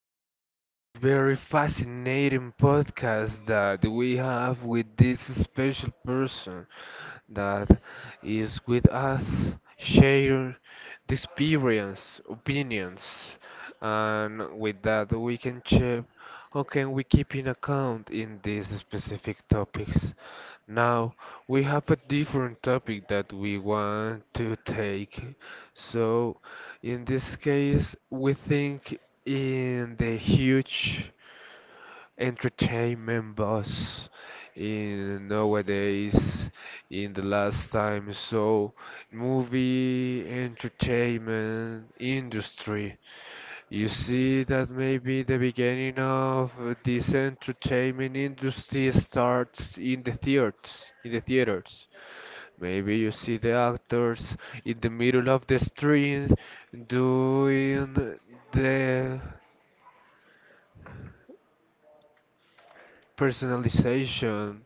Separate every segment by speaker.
Speaker 1: this very fascinating podcast that we have with this special person that is with us, share the experience, opinions, and with that we can check how can we keep in account in these specific topics. Now we have a different topic that we want to take. So in this case, we think in the huge entertainment buzz in nowadays in the last time. So movie entertainment industry. You see, that maybe the beginning of this entertainment industry starts in the theaters, in the theaters. Maybe you see the actors in the middle of the street doing the personalization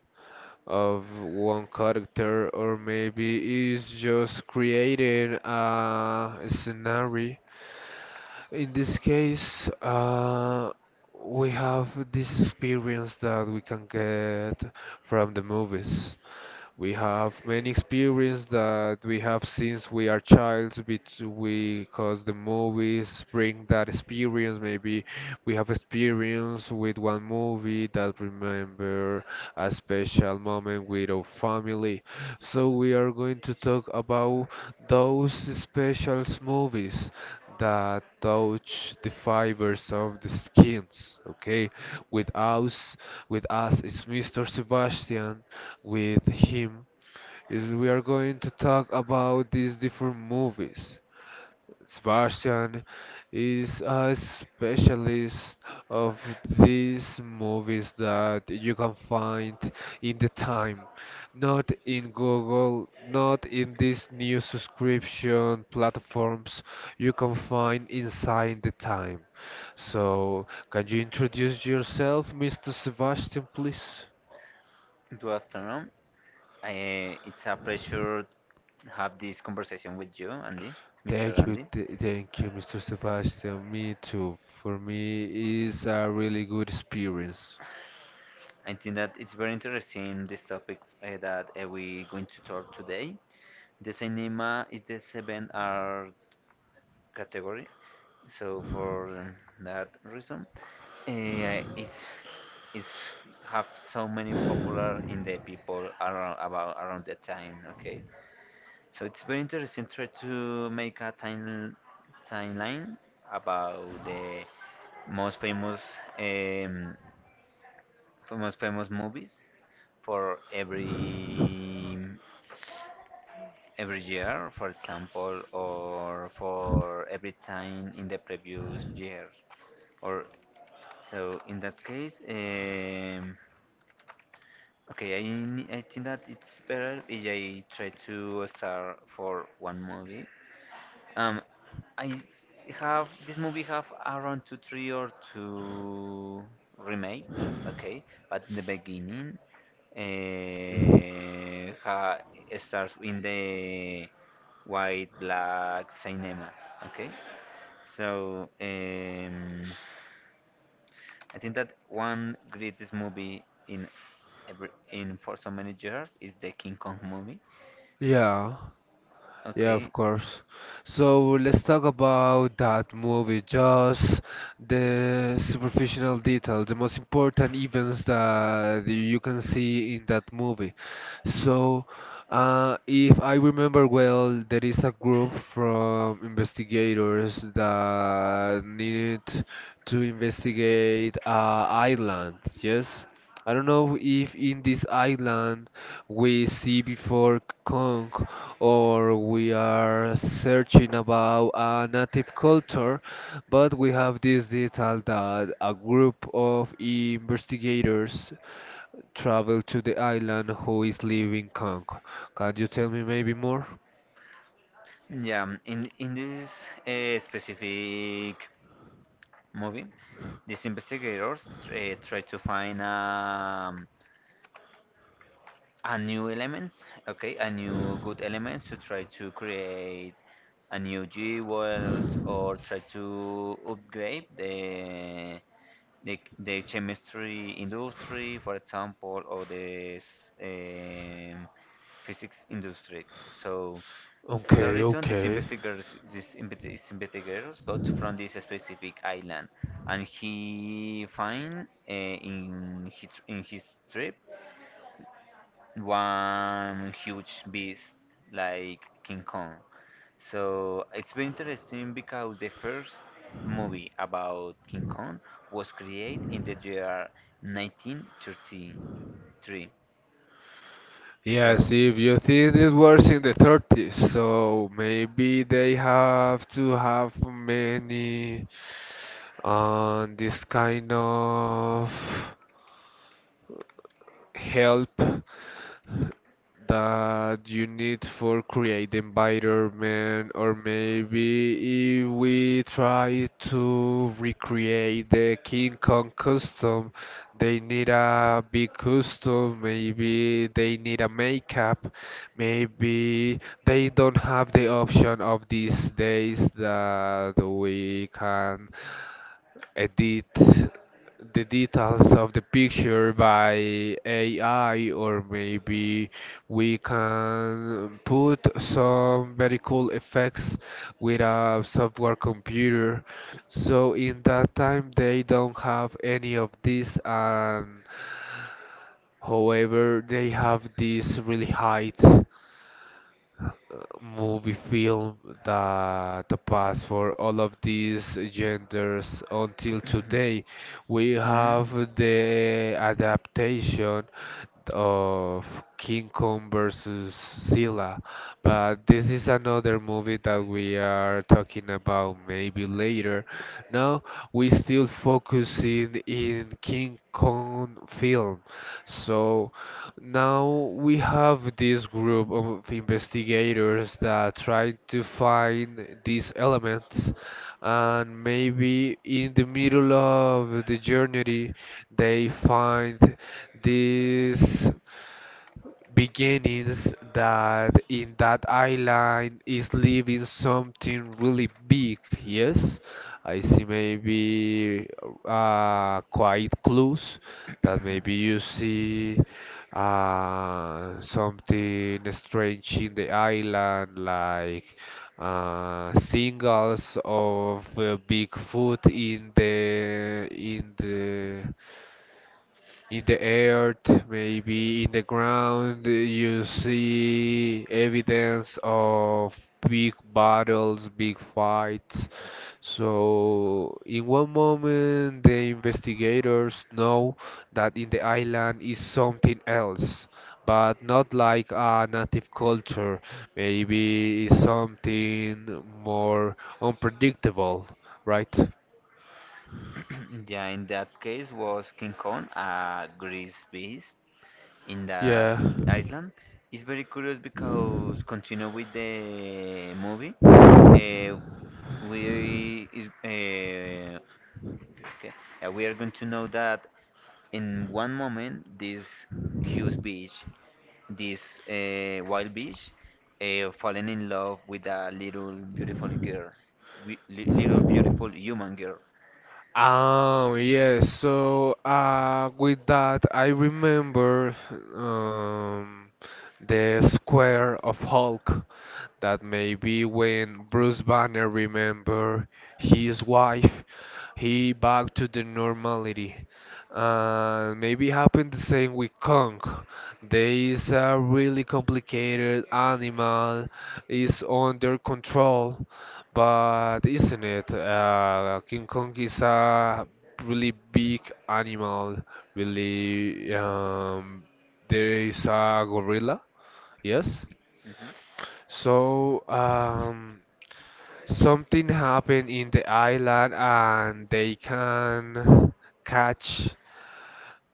Speaker 1: of one character, or maybe it's just creating a scenario. In this case, we have this experience that we can get from the movies. We have many experience that we have since we are because the movies bring that experience. Maybe we have experience with one movie that remember a special moment with our family. So we are going to talk about those special movies that touch the fibers of the skins. Okay, with us, with us is Mr. Sebastian with him is we are going to talk about these different movies. Sebastian is a specialist of these movies that you can find in the time, not in Google, not in these new subscription platforms you can find inside the time. So, can you introduce yourself, Mr. Sebastian, please?
Speaker 2: Good afternoon. It's a pleasure to have this conversation with you, Andy, Mr.
Speaker 1: Thank you,
Speaker 2: Andy.
Speaker 1: thank you, Mr. Sebastian. Me too. For me, it's a really good experience.
Speaker 2: I think that it's very interesting this topic that we going to talk today. The cinema is the 7R category, so for that reason, uh, it's it's have so many popular in the people around about around that time. Okay, so it's very interesting try to make a timeline about the most famous um, most famous movies for every year, for example, or for every time in the previous year. Or so in that case, okay, I think that it's better if I try to start for one movie. Um, I have this movie have around two, three or two remakes. Okay, but in the beginning, uh, ha, it starts in the white black cinema. Okay, so I think that one greatest movie in every in for so many years is the King Kong movie.
Speaker 1: Yeah. Yeah, of
Speaker 2: Okay,
Speaker 1: course. So let's talk about that movie, just the superficial detail, the most important events that you can see in that movie. So, if I remember well, there is a group from investigators that need to investigate a island, yes? I don't know if in this island we see before Kong or we are searching about a native culture, but we have this detail that a group of investigators travel to the island who is leaving Kong. Can you tell me maybe more?
Speaker 2: yeah, in this specific movie, these investigators try to find a new elements, okay, a new good elements to try to create a new g jewels or try to upgrade the the chemistry industry, for example, or the physics industry. So for that
Speaker 1: Okay,
Speaker 2: reason, these
Speaker 1: okay.
Speaker 2: investigators, these investigators got from this specific island, and he find in his trip one huge beast like King Kong. So it's been interesting because the first movie about King Kong was created in the year 1933.
Speaker 1: Yes,
Speaker 2: So
Speaker 1: if you think it was in the 30s, so maybe they have to have many and this kind of help that you need for create the environment, or maybe if we try to recreate the King Kong custom, they need a big custom, maybe they need a makeup, maybe they don't have the option of these days that we can edit the details of the picture by AI, or maybe we can put some very cool effects with a software computer. So in that time, they don't have any of this, and however, they have this really height movie film that pass for all of these genders until today. We
Speaker 2: hmm.
Speaker 1: have the adaptation of King Kong versus Silla, but this is another movie that we are talking about maybe later. Now we still focusing in King Kong film. So now we have this group of investigators that try to find these elements, and maybe in the middle of the journey they find this beginnings that in that island is living something really big, yes? I see maybe quite clues that maybe you see something strange in the island, like singles of Bigfoot in the earth, maybe in the ground, you see evidence of big battles, big fights. So, in one moment, the investigators know that in the island is something else, but not like a native culture. Maybe it's something more unpredictable, right?
Speaker 2: Yeah, in that case was King Kong a grease beast in that
Speaker 1: Yeah.
Speaker 2: island. It's very curious because continue with the movie. Uh, we is okay. We are going to know that in one moment this huge beach, this wild beach, falling in love with a little beautiful girl, little beautiful human girl.
Speaker 1: Yes, so with that, I remember um, the Square of Hulk. That maybe when Bruce Banner remember his wife, he back to the normality. Maybe happened the same with Kong. There is a really complicated animal, is under control, but isn't it? King Kong is a really big animal, really there is a gorilla, yes?
Speaker 2: Mhm.
Speaker 1: So, something happened in the island and they can catch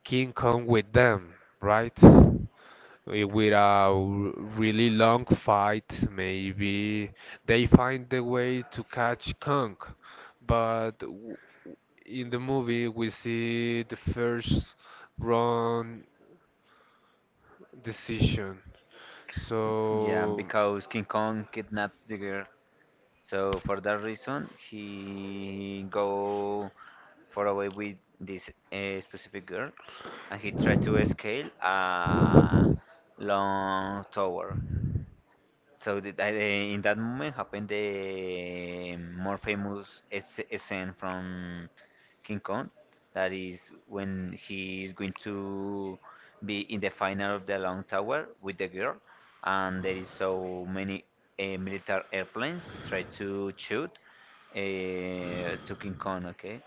Speaker 1: King Kong with them, right? With a really long fight, maybe they find the way to catch Kong. But w- in the movie, we see the first wrong decision.
Speaker 2: Yeah,
Speaker 1: So.
Speaker 2: because King Kong kidnaps the girl. So for that reason, he go far away with this specific girl, and he tried to scale a long tower. So that, in that moment happened the more famous scene from King Kong. That is when he is going to be in the final of the Long Tower with the girl, and there is so many military airplanes try to shoot to King Kong. Okay,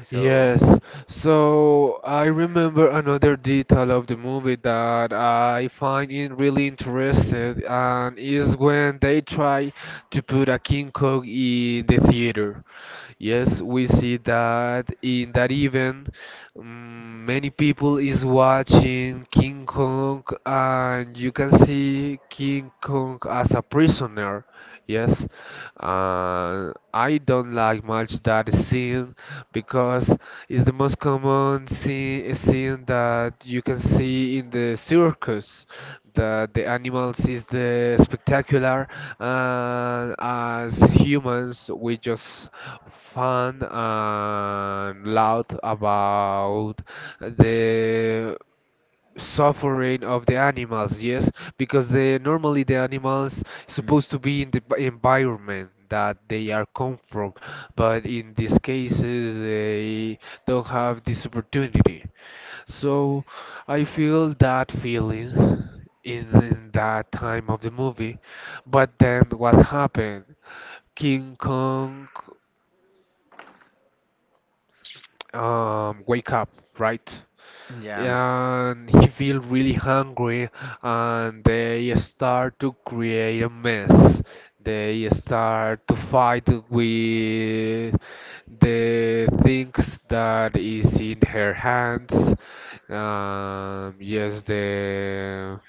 Speaker 2: so
Speaker 1: Yes, so I remember another detail of the movie that I find it really interesting, and is when they try to put a King Kong in the theater. Yes, we see that in that event, mm, many people is watching King Kong, and you can see King Kong as a prisoner. Yes, and I don't like much that scene because it's the most common scene that you can see in the circus, that the animals is the spectacular and as humans we just fun and loud about the suffering of the animals, yes, because they normally the animals
Speaker 2: mm,
Speaker 1: supposed to be in the environment that they are come from, but in these cases they don't have this opportunity. So I feel that feeling in that time of the movie. But then what happened, King Kong wake up, right,
Speaker 2: yeah,
Speaker 1: and he feel really hungry, and they start to create a mess, they start to fight with the things that is in her hands. Yes, the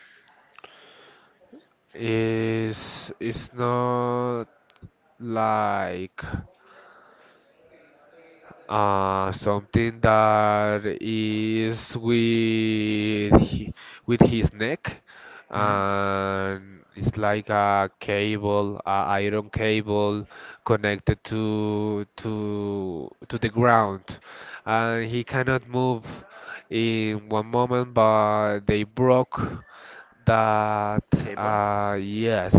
Speaker 1: is it's not like, something that is with his neck,
Speaker 2: mm,
Speaker 1: and it's like a cable, a iron cable connected to the ground, and he cannot move in one moment, but they broke that.
Speaker 2: cable.
Speaker 1: Yes,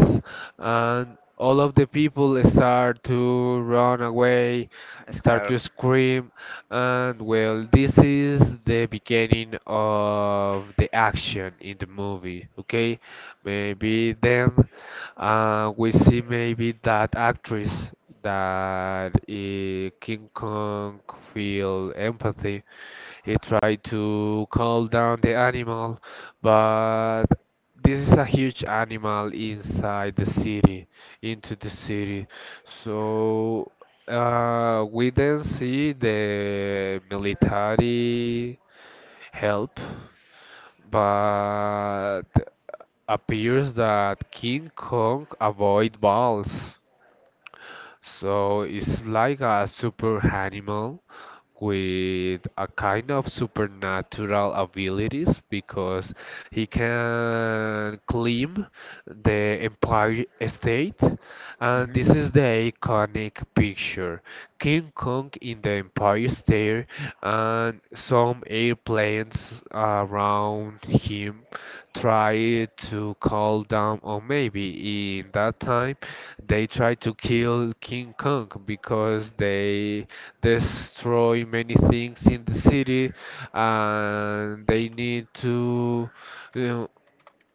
Speaker 1: and all of the people start to run away, start to
Speaker 2: Scar.
Speaker 1: scream, and well this is the beginning of the action in the movie. Okay, maybe then we see maybe that actress that King Kong feel empathy, he tried to calm down the animal, but this is a huge animal inside the city, into the city. So we then see the military help, but appears that King Kong avoid balls. So it's like a super animal with a kind of supernatural abilities because he can claim the Empire State. And
Speaker 2: Hmm.
Speaker 1: this is the iconic picture. King Kong in the Empire State and some airplanes around him try to call down, or maybe in that time they try to kill King Kong because they destroy many things in the city and they need to, you know,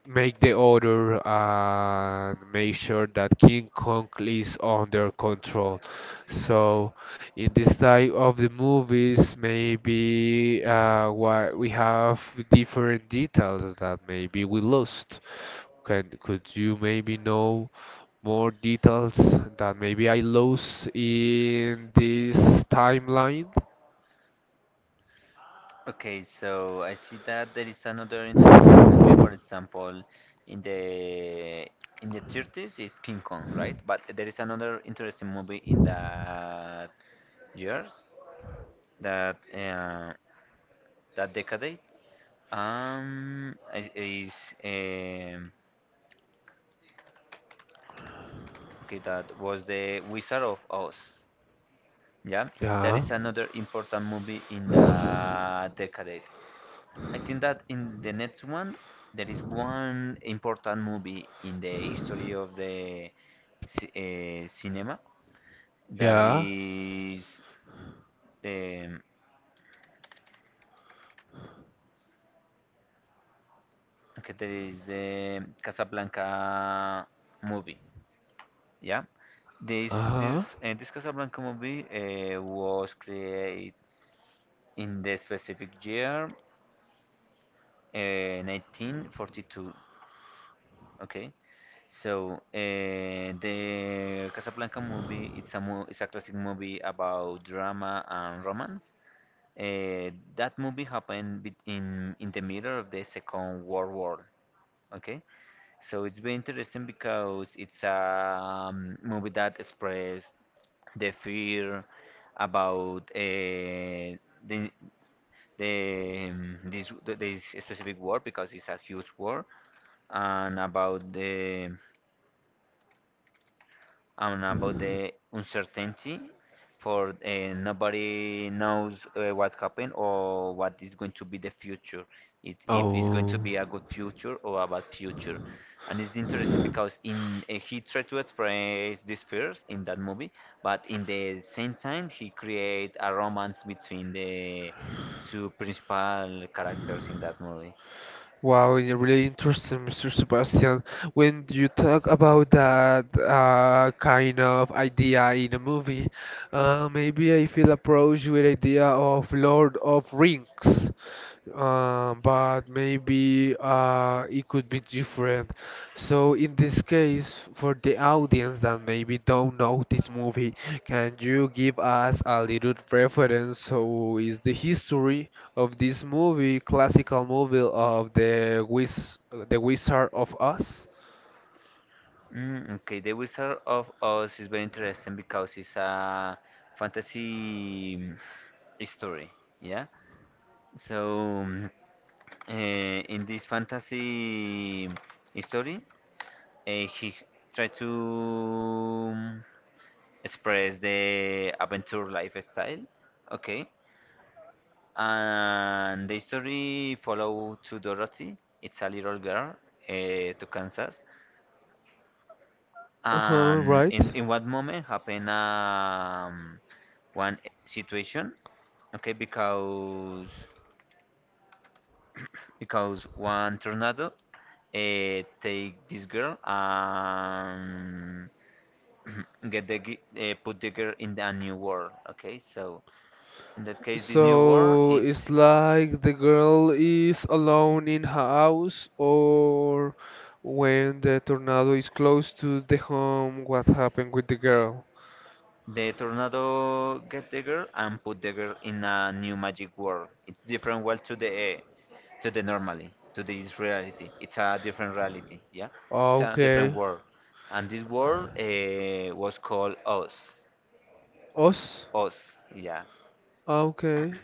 Speaker 1: make the order and make sure that King Kong is under control. So in this type of the movies, maybe why we have different details that maybe we lost. Can Could you maybe know more details that maybe I lost in this timeline?
Speaker 2: Okay, so I see that there is another interesting movie. For example, in the in the 30s is King Kong, right? But there is another interesting movie in that years, that that decade. Is um okay. That was the Wizard of Oz. Yeah, that
Speaker 1: Yeah.
Speaker 2: is another important movie in the decade. I think that in the next one, there is one important movie in the history of the cinema that
Speaker 1: Yeah.
Speaker 2: is the okay, there is the Casablanca movie. Yeah,
Speaker 1: Uh-huh.
Speaker 2: this Casablanca movie was created in the specific year 1942. Okay. So the Casablanca movie, it's a mo it's a classic movie about drama and romance. Uh, that movie happened in the middle of the Second World War. Okay, so it's very interesting because it's a movie that expresses the fear about the the this this specific war because it's a huge war and about the and about the uncertainty for nobody knows what happened or what is going to be the future it, if it's going to be a good future or a bad future and it's interesting
Speaker 1: Oh.
Speaker 2: because in he tried to express this fears in that movie but in the same time he create a romance between the two principal characters in that movie.
Speaker 1: Wow, you're really interesting, Mr. Sebastian. When you talk about that kind of idea in a movie, maybe I feel approached with idea of Lord of Rings, but maybe it could would be different. So in this case, for the audience that maybe don't know this movie, can you give us a little reference? So is the history of this movie, classical movie of the Wizard of Oz?
Speaker 2: Mm, okay, the Wizard of Oz is very interesting because it's a fantasy story, yeah? So, in this fantasy story, he tried to mm, express the adventure lifestyle, okay? And the story follow to Dorothy, it's a little girl, to Kansas.
Speaker 1: Uh-huh,
Speaker 2: And
Speaker 1: right.
Speaker 2: in what moment happened one situation, okay, because one tornado take this girl and put the girl in a new world, okay? So in that case, this new world
Speaker 1: So it's
Speaker 2: it's
Speaker 1: like the girl is alone in her house, or when the tornado is close to the home, what happened with the girl?
Speaker 2: the tornado get the girl and put the girl in a new magic world. It's different world to the normally to this reality. It's a different reality. Yeah, it's a different
Speaker 1: Okay.
Speaker 2: world, and this world was called Oz.
Speaker 1: Us?
Speaker 2: Oz. Yeah.
Speaker 1: Okay.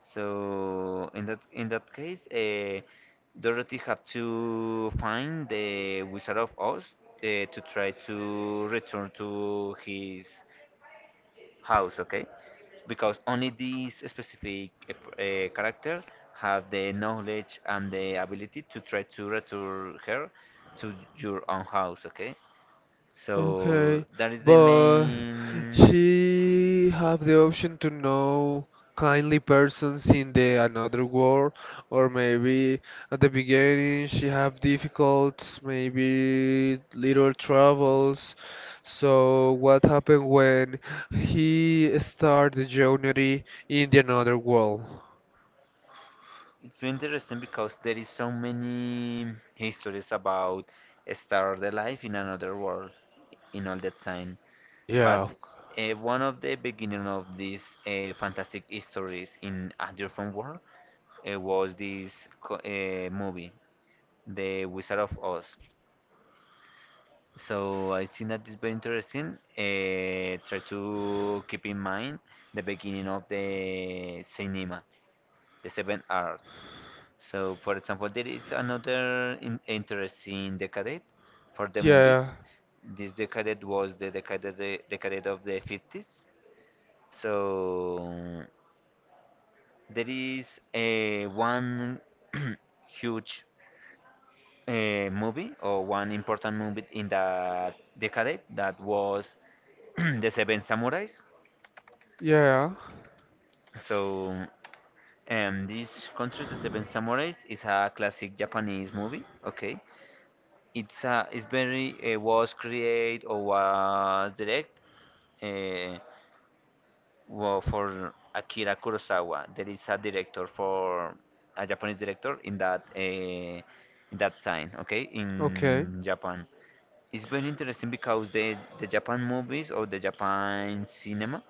Speaker 2: So in that case, Dorothy had to find the Wizard of Oz to try to return to his house, okay? Because only these specific character have the knowledge and the ability to try to return her to your own house, okay? So
Speaker 1: Okay,
Speaker 2: that is the
Speaker 1: but
Speaker 2: main.
Speaker 1: she have the option to know kindly persons in the another world, or maybe at the beginning she have difficulties, maybe little troubles. So what happened when he start the journey in the another world?
Speaker 2: It's been interesting because there is so many histories about start the life in another world in all that time. But
Speaker 1: Yeah,
Speaker 2: one of the beginning of these fantastic histories in a different world it was this movie, the Wizard of Oz. So I think that is very interesting. Try to keep in mind the beginning of the cinema, the seven art. So, for example, there is another in interesting decade for the movies.
Speaker 1: yeah,
Speaker 2: This decade was the decade of the 50s. So there is a one huge a movie or one important movie in that decade that was The Seven Samurais.
Speaker 1: yeah.
Speaker 2: So, this country, The Seven Samurais, is a classic Japanese movie. Okay, it's very was created or was direct uh, for Akira Kurosawa. There is a director for a Japanese director in that time. Okay,
Speaker 1: Okay.
Speaker 2: in Japan. It's very interesting because the Japan movies or the Japan cinema,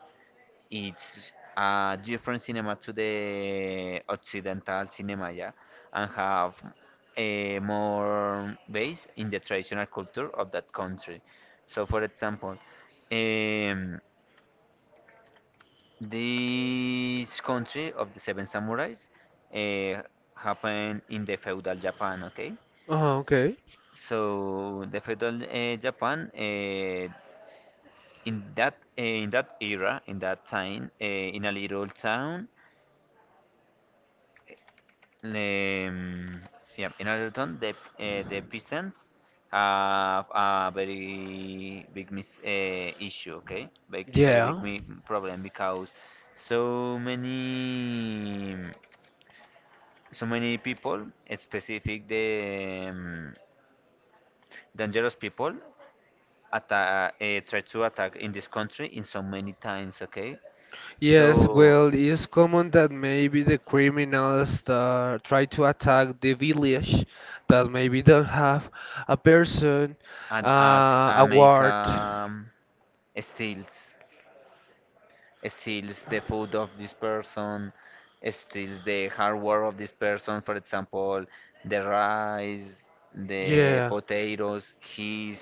Speaker 2: it's a different cinema to the Occidental cinema, yeah, and have a more base in the traditional culture of that country. So, for example, um, this country of the Seven Samurais uh, happened in the feudal Japan, okay?
Speaker 1: Uh-huh, okay.
Speaker 2: So the feudal Japan, in that era, in that time, in a little town, um, yeah, in a little town, the peasants have a very big mis issue, okay, very big
Speaker 1: Yeah.
Speaker 2: mi problem because so many so many people, specific the dangerous people, atta try to attack in this country in so many times, okay,
Speaker 1: Yes,
Speaker 2: so.
Speaker 1: well, it's common that maybe the criminals try to attack the village that maybe don't have a person,
Speaker 2: And as
Speaker 1: a
Speaker 2: make
Speaker 1: ward.
Speaker 2: steals steals the food of this person, steals the hard work of this person, for example, the rice, the
Speaker 1: Yeah.
Speaker 2: potatoes, he's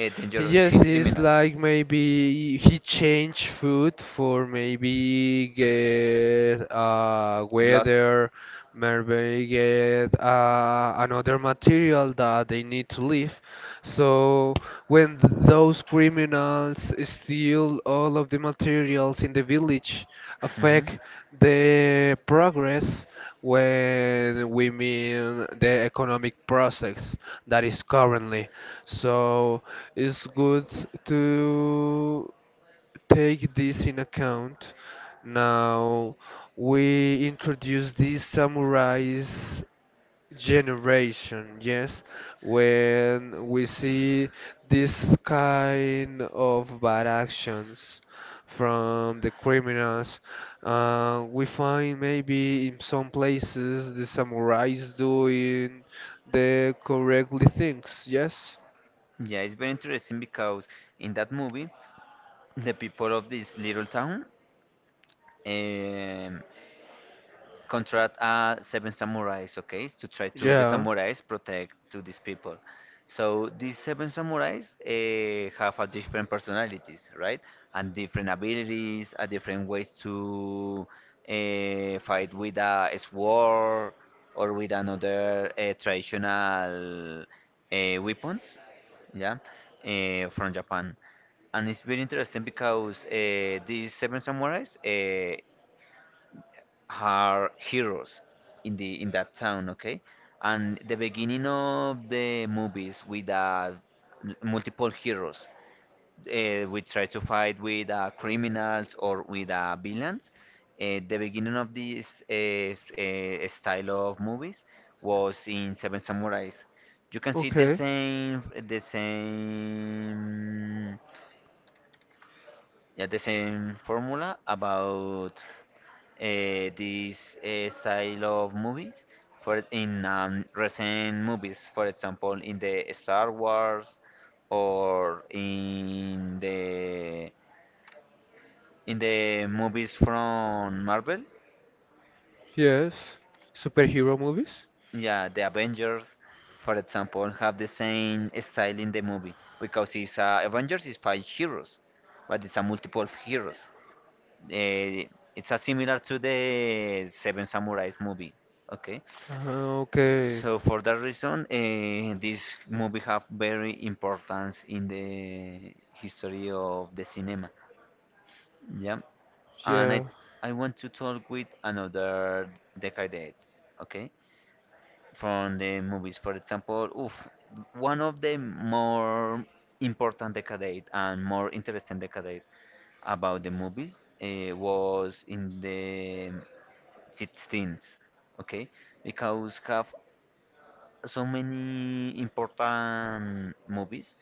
Speaker 2: dangerous,
Speaker 1: Yes,
Speaker 2: he's
Speaker 1: it's
Speaker 2: criminals,
Speaker 1: like maybe he changed food for maybe get
Speaker 2: blood
Speaker 1: weather, maybe get another material that they need to leave. So when those criminals steal all of the materials in the village,
Speaker 2: Mhm.
Speaker 1: affect the progress when we mean the economic process that is currently. So it's good to take this in account. Now we introduce these samurais generation, yes, when we see this kind of bad actions from the criminals, we find maybe in some places the samurais doing the correctly things, yes.
Speaker 2: Yeah, it's very interesting because in that movie the people of this little town um, contract seven samurais, okay, to try to the
Speaker 1: Yeah,
Speaker 2: samurais protect to these people. So these seven samurais have a different personalities, right, and different abilities, and different ways to fight with a sword or with another traditional weapons, yeah, from Japan. And it's very interesting because these seven samurais are heroes in the in that town, okay? And the beginning of the movies with multiple heroes, we try to fight with criminals or with villains. The beginning of this style of movies was in Seven Samurais. You can see
Speaker 1: okay,
Speaker 2: the same, yeah, the same formula about this style of movies for in recent movies, for example in the Star Wars or in the movies from Marvel,
Speaker 1: yes, superhero movies.
Speaker 2: yeah, the Avengers for example have the same style in the movie because it's Avengers is five heroes but it's a multiple of heroes, uh, it's a similar to the Seven Samurais movie, okay.
Speaker 1: Ah, okay.
Speaker 2: So for that reason, this movie have very importance in the history of the cinema. Yeah, and
Speaker 1: Yeah.
Speaker 2: I want to talk with another decade. Okay, from the movies. For example, oof, one of the more important decade and more interesting decade about the movies was in the 16th. Okay, because have so many important movies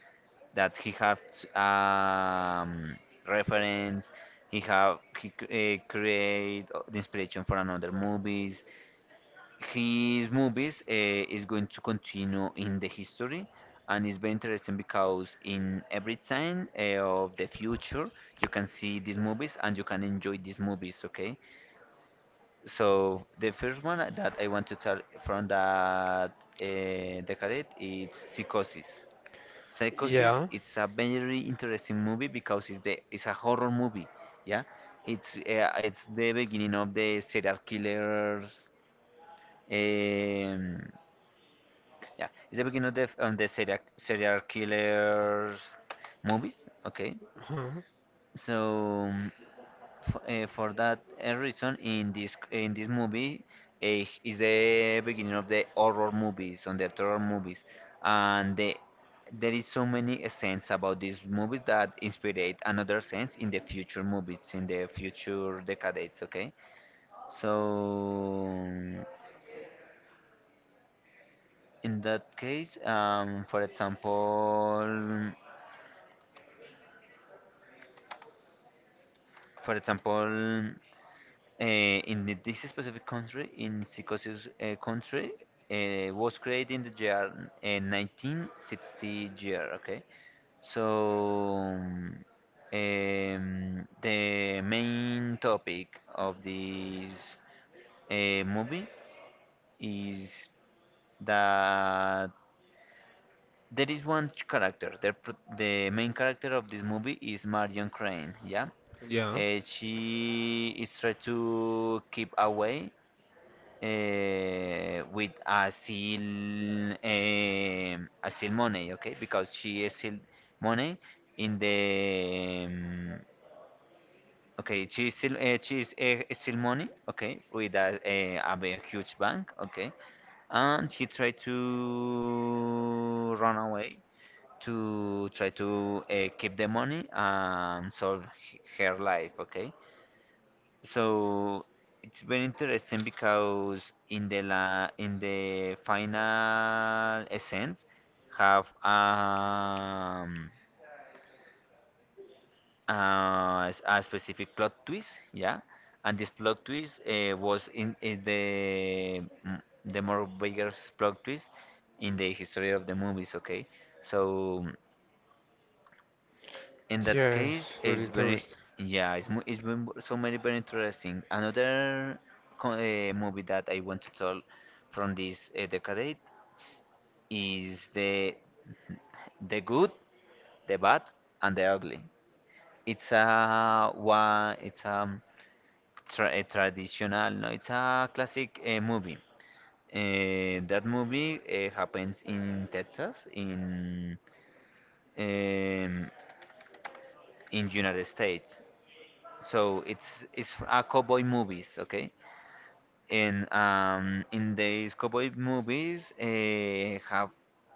Speaker 2: that he have um, reference. He have he create the inspiration for another movies. His movies is going to continue in the history, and it's very interesting because in every time of the future you can see these movies and you can enjoy these movies. Okay, so the first one that I want to tell from that decade is Psychosis. Psychosis.
Speaker 1: Yeah.
Speaker 2: It's a very interesting movie because it's a horror movie. Yeah, it's the beginning of the serial killers. Um, yeah, it's the beginning of the serial killers movies. Okay,
Speaker 1: Uh-huh.
Speaker 2: so. For that reason, in this movie, is the beginning of the horror movies, on the terror movies, and the, there is so many scenes about these movies that inspire another sense in the future movies, in the future decades. Okay, so in that case, for example, this specific country, in psychosis country, was created in the year 1960-year, okay? So the main topic of this movie is that there is character. The main character of this movie is Marion Crane. Yeah,
Speaker 1: Yeah.
Speaker 2: she is trying to keep away with a seal money, okay, because she is still money in the okay, she is still money, okay, with a big huge bank, okay, and he tried to run away to try to keep the money and solve her life, okay. So it's very interesting because in the la in the final essence have a specific plot twist, yeah, and this plot twist was in is the more biggest plot twist in the history of the movies. Okay, so. In that case,
Speaker 1: Yes, really
Speaker 2: it's very,
Speaker 1: interesting.
Speaker 2: yeah, it's been so many very interesting. Another movie that I want to tell from this decade is the Good, the Bad, and the Ugly. It's a traditional, no, it's a classic movie. That movie happens in Texas, um, in United States. So it's a cowboy movies, okay? And in these cowboy movies, have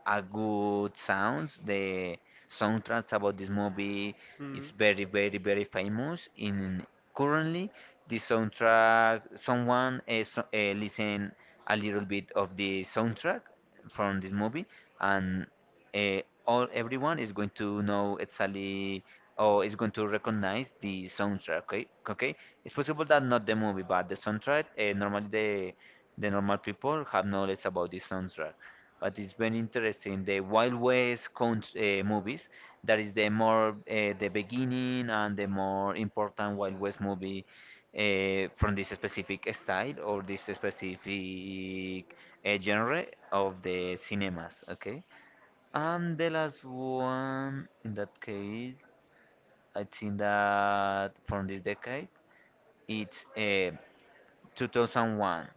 Speaker 2: a good sounds. The soundtracks about this movie is
Speaker 1: Mm.
Speaker 2: very, very, very famous. In currently, the soundtrack, someone listen a little bit of the soundtrack from this movie, and uh, all everyone is going to know exactly or is going to recognize the soundtrack. Okay, okay. It's possible that not the movie, but the soundtrack. Normally, the normal people have knowledge about the soundtrack. But it's very interesting. The Wild West movies, that is the more the beginning and the more important Wild West movie from this specific style or this specific genre of the cinemas. Okay. And the last one, in that case, I think that from this decade, it's 2001.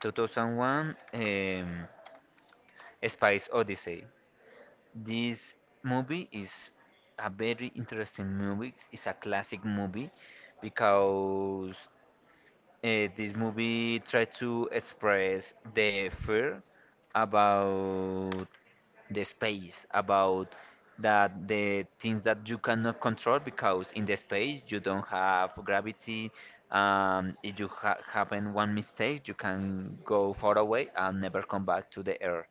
Speaker 2: 2001, Space Odyssey. This movie is a very interesting movie. It's a classic movie because this movie tried to express the fear about the space, about that the things that you cannot control, because in the space you don't have gravity. If you happen one mistake, you can go far away and never come back to the earth,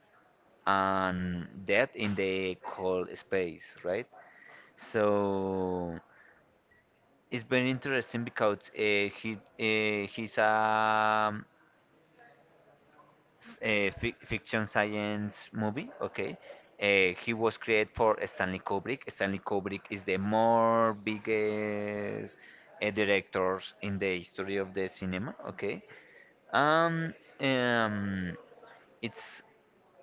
Speaker 2: and that in the cold space, right? So it's very interesting because he's a fi fiction science movie. Okay, he was created for Stanley Kubrick. Stanley Kubrick is the more biggest directors in the history of the cinema. Okay, um, um, it's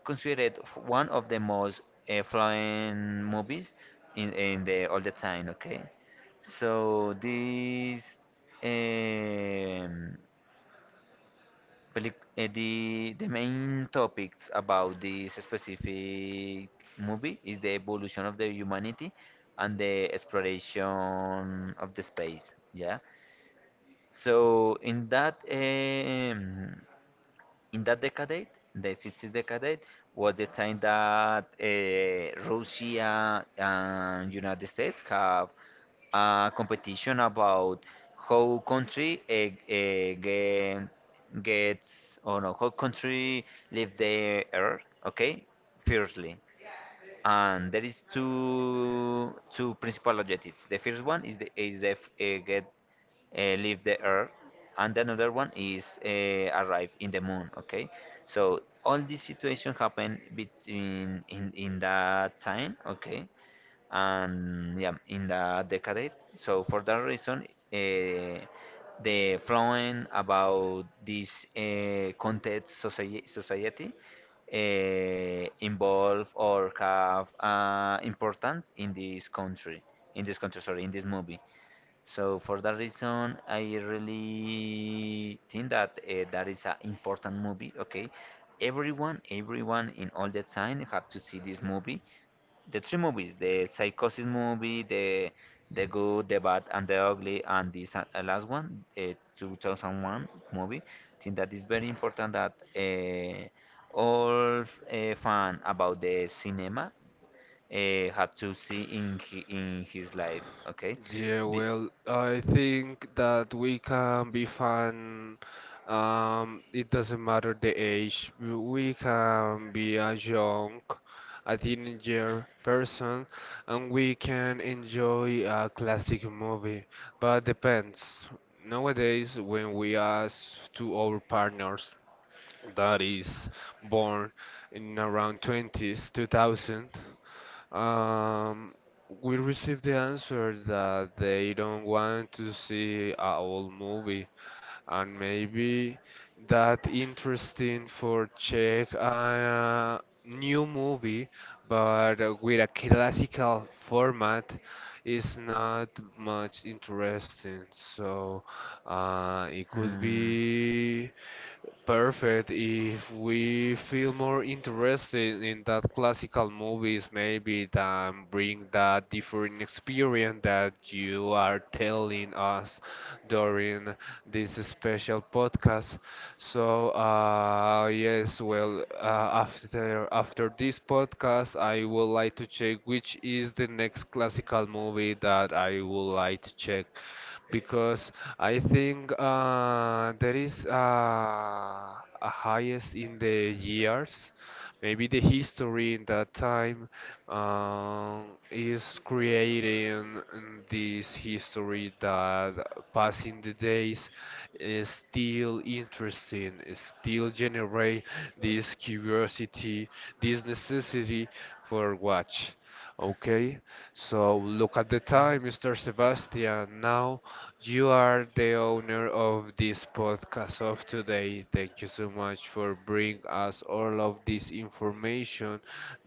Speaker 2: considered one of the most flying movies in the all the time. Okay, so this. Um, the main topics about this specific movie is the evolution of the humanity and the exploration of the space. Yeah. So in that decade, the 60s decade, was the time that Russia and United States have a competition about how country get, gets or no, how country leave the earth, okay, fiercely. And there is two principal objectives. The first one is the f- get leave the earth, and another one is arrive in the moon, okay. So all this situation happened between in that time, okay, and yeah, in the decade. So for that reason, uh, the flowing about this context society, involve or have importance in this country, sorry, in this movie. So for that reason, I really think that that is an important movie. Okay, everyone in all the time have to see this movie. The three movies: the Psychosis movie, the Good, the Bad, and the Ugly, and this last one, 2001 movie. Think that is very important that all fan about the cinema have to see in in his life. Okay.
Speaker 1: Yeah,
Speaker 2: Be-
Speaker 1: well, I think that we can be fun. It doesn't matter the age. We can be a young, a teenager person, and we can enjoy a classic movie. But depends. Nowadays, when we ask to our partners that is born in around 20s, 2000, um, we received the answer that they don't want to see a old movie, and maybe that interesting for check a new movie, but with a classical format is not much interesting. So it could
Speaker 2: Hmm.
Speaker 1: be perfect. If we feel more interested in that classical movies, maybe then bring that different experience that you are telling us during this special podcast. So, yes, well, after this podcast, I would like to check which is the next classical movie that I would like to check, because I think there is a highest in the years. Maybe the history in that time um, is creating this history that passing the days is still interesting, is still generate this curiosity, this necessity for watch. Okay, so look at the time, Mr. Sebastian. Now you are the owner of this podcast of today. Thank you so much for bringing us all of this information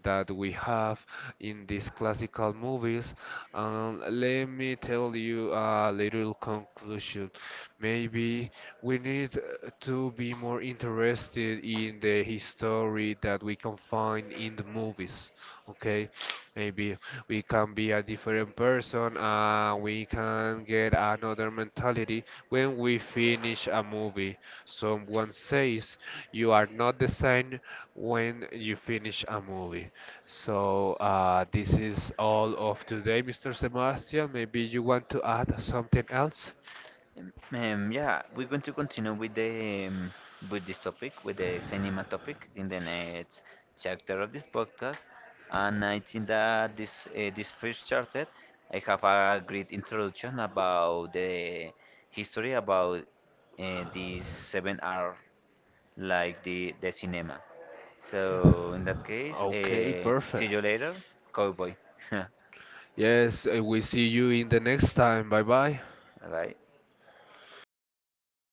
Speaker 1: that we have in these classical movies. And let me tell you a little conclusion. Maybe we need to be more interested in the history that we can find in the movies. Okay, maybe we can be a different person and we can get another mentality when we finish a movie. Someone says you are not the same when you finish a movie. So this is all of today, Mr. Sebastian. Maybe you want to add something else?
Speaker 2: Yeah, we're going to continue with the with this topic, with the cinema topic in the next chapter of this podcast. And I think that this first chapter, I have a great introduction about the history about these seven R like the cinema. So in that case,
Speaker 1: Okay,
Speaker 2: see
Speaker 1: perfect.
Speaker 2: you later, cowboy. Bye
Speaker 1: Yes, we see you in the next time. Bye
Speaker 2: bye.
Speaker 1: bye.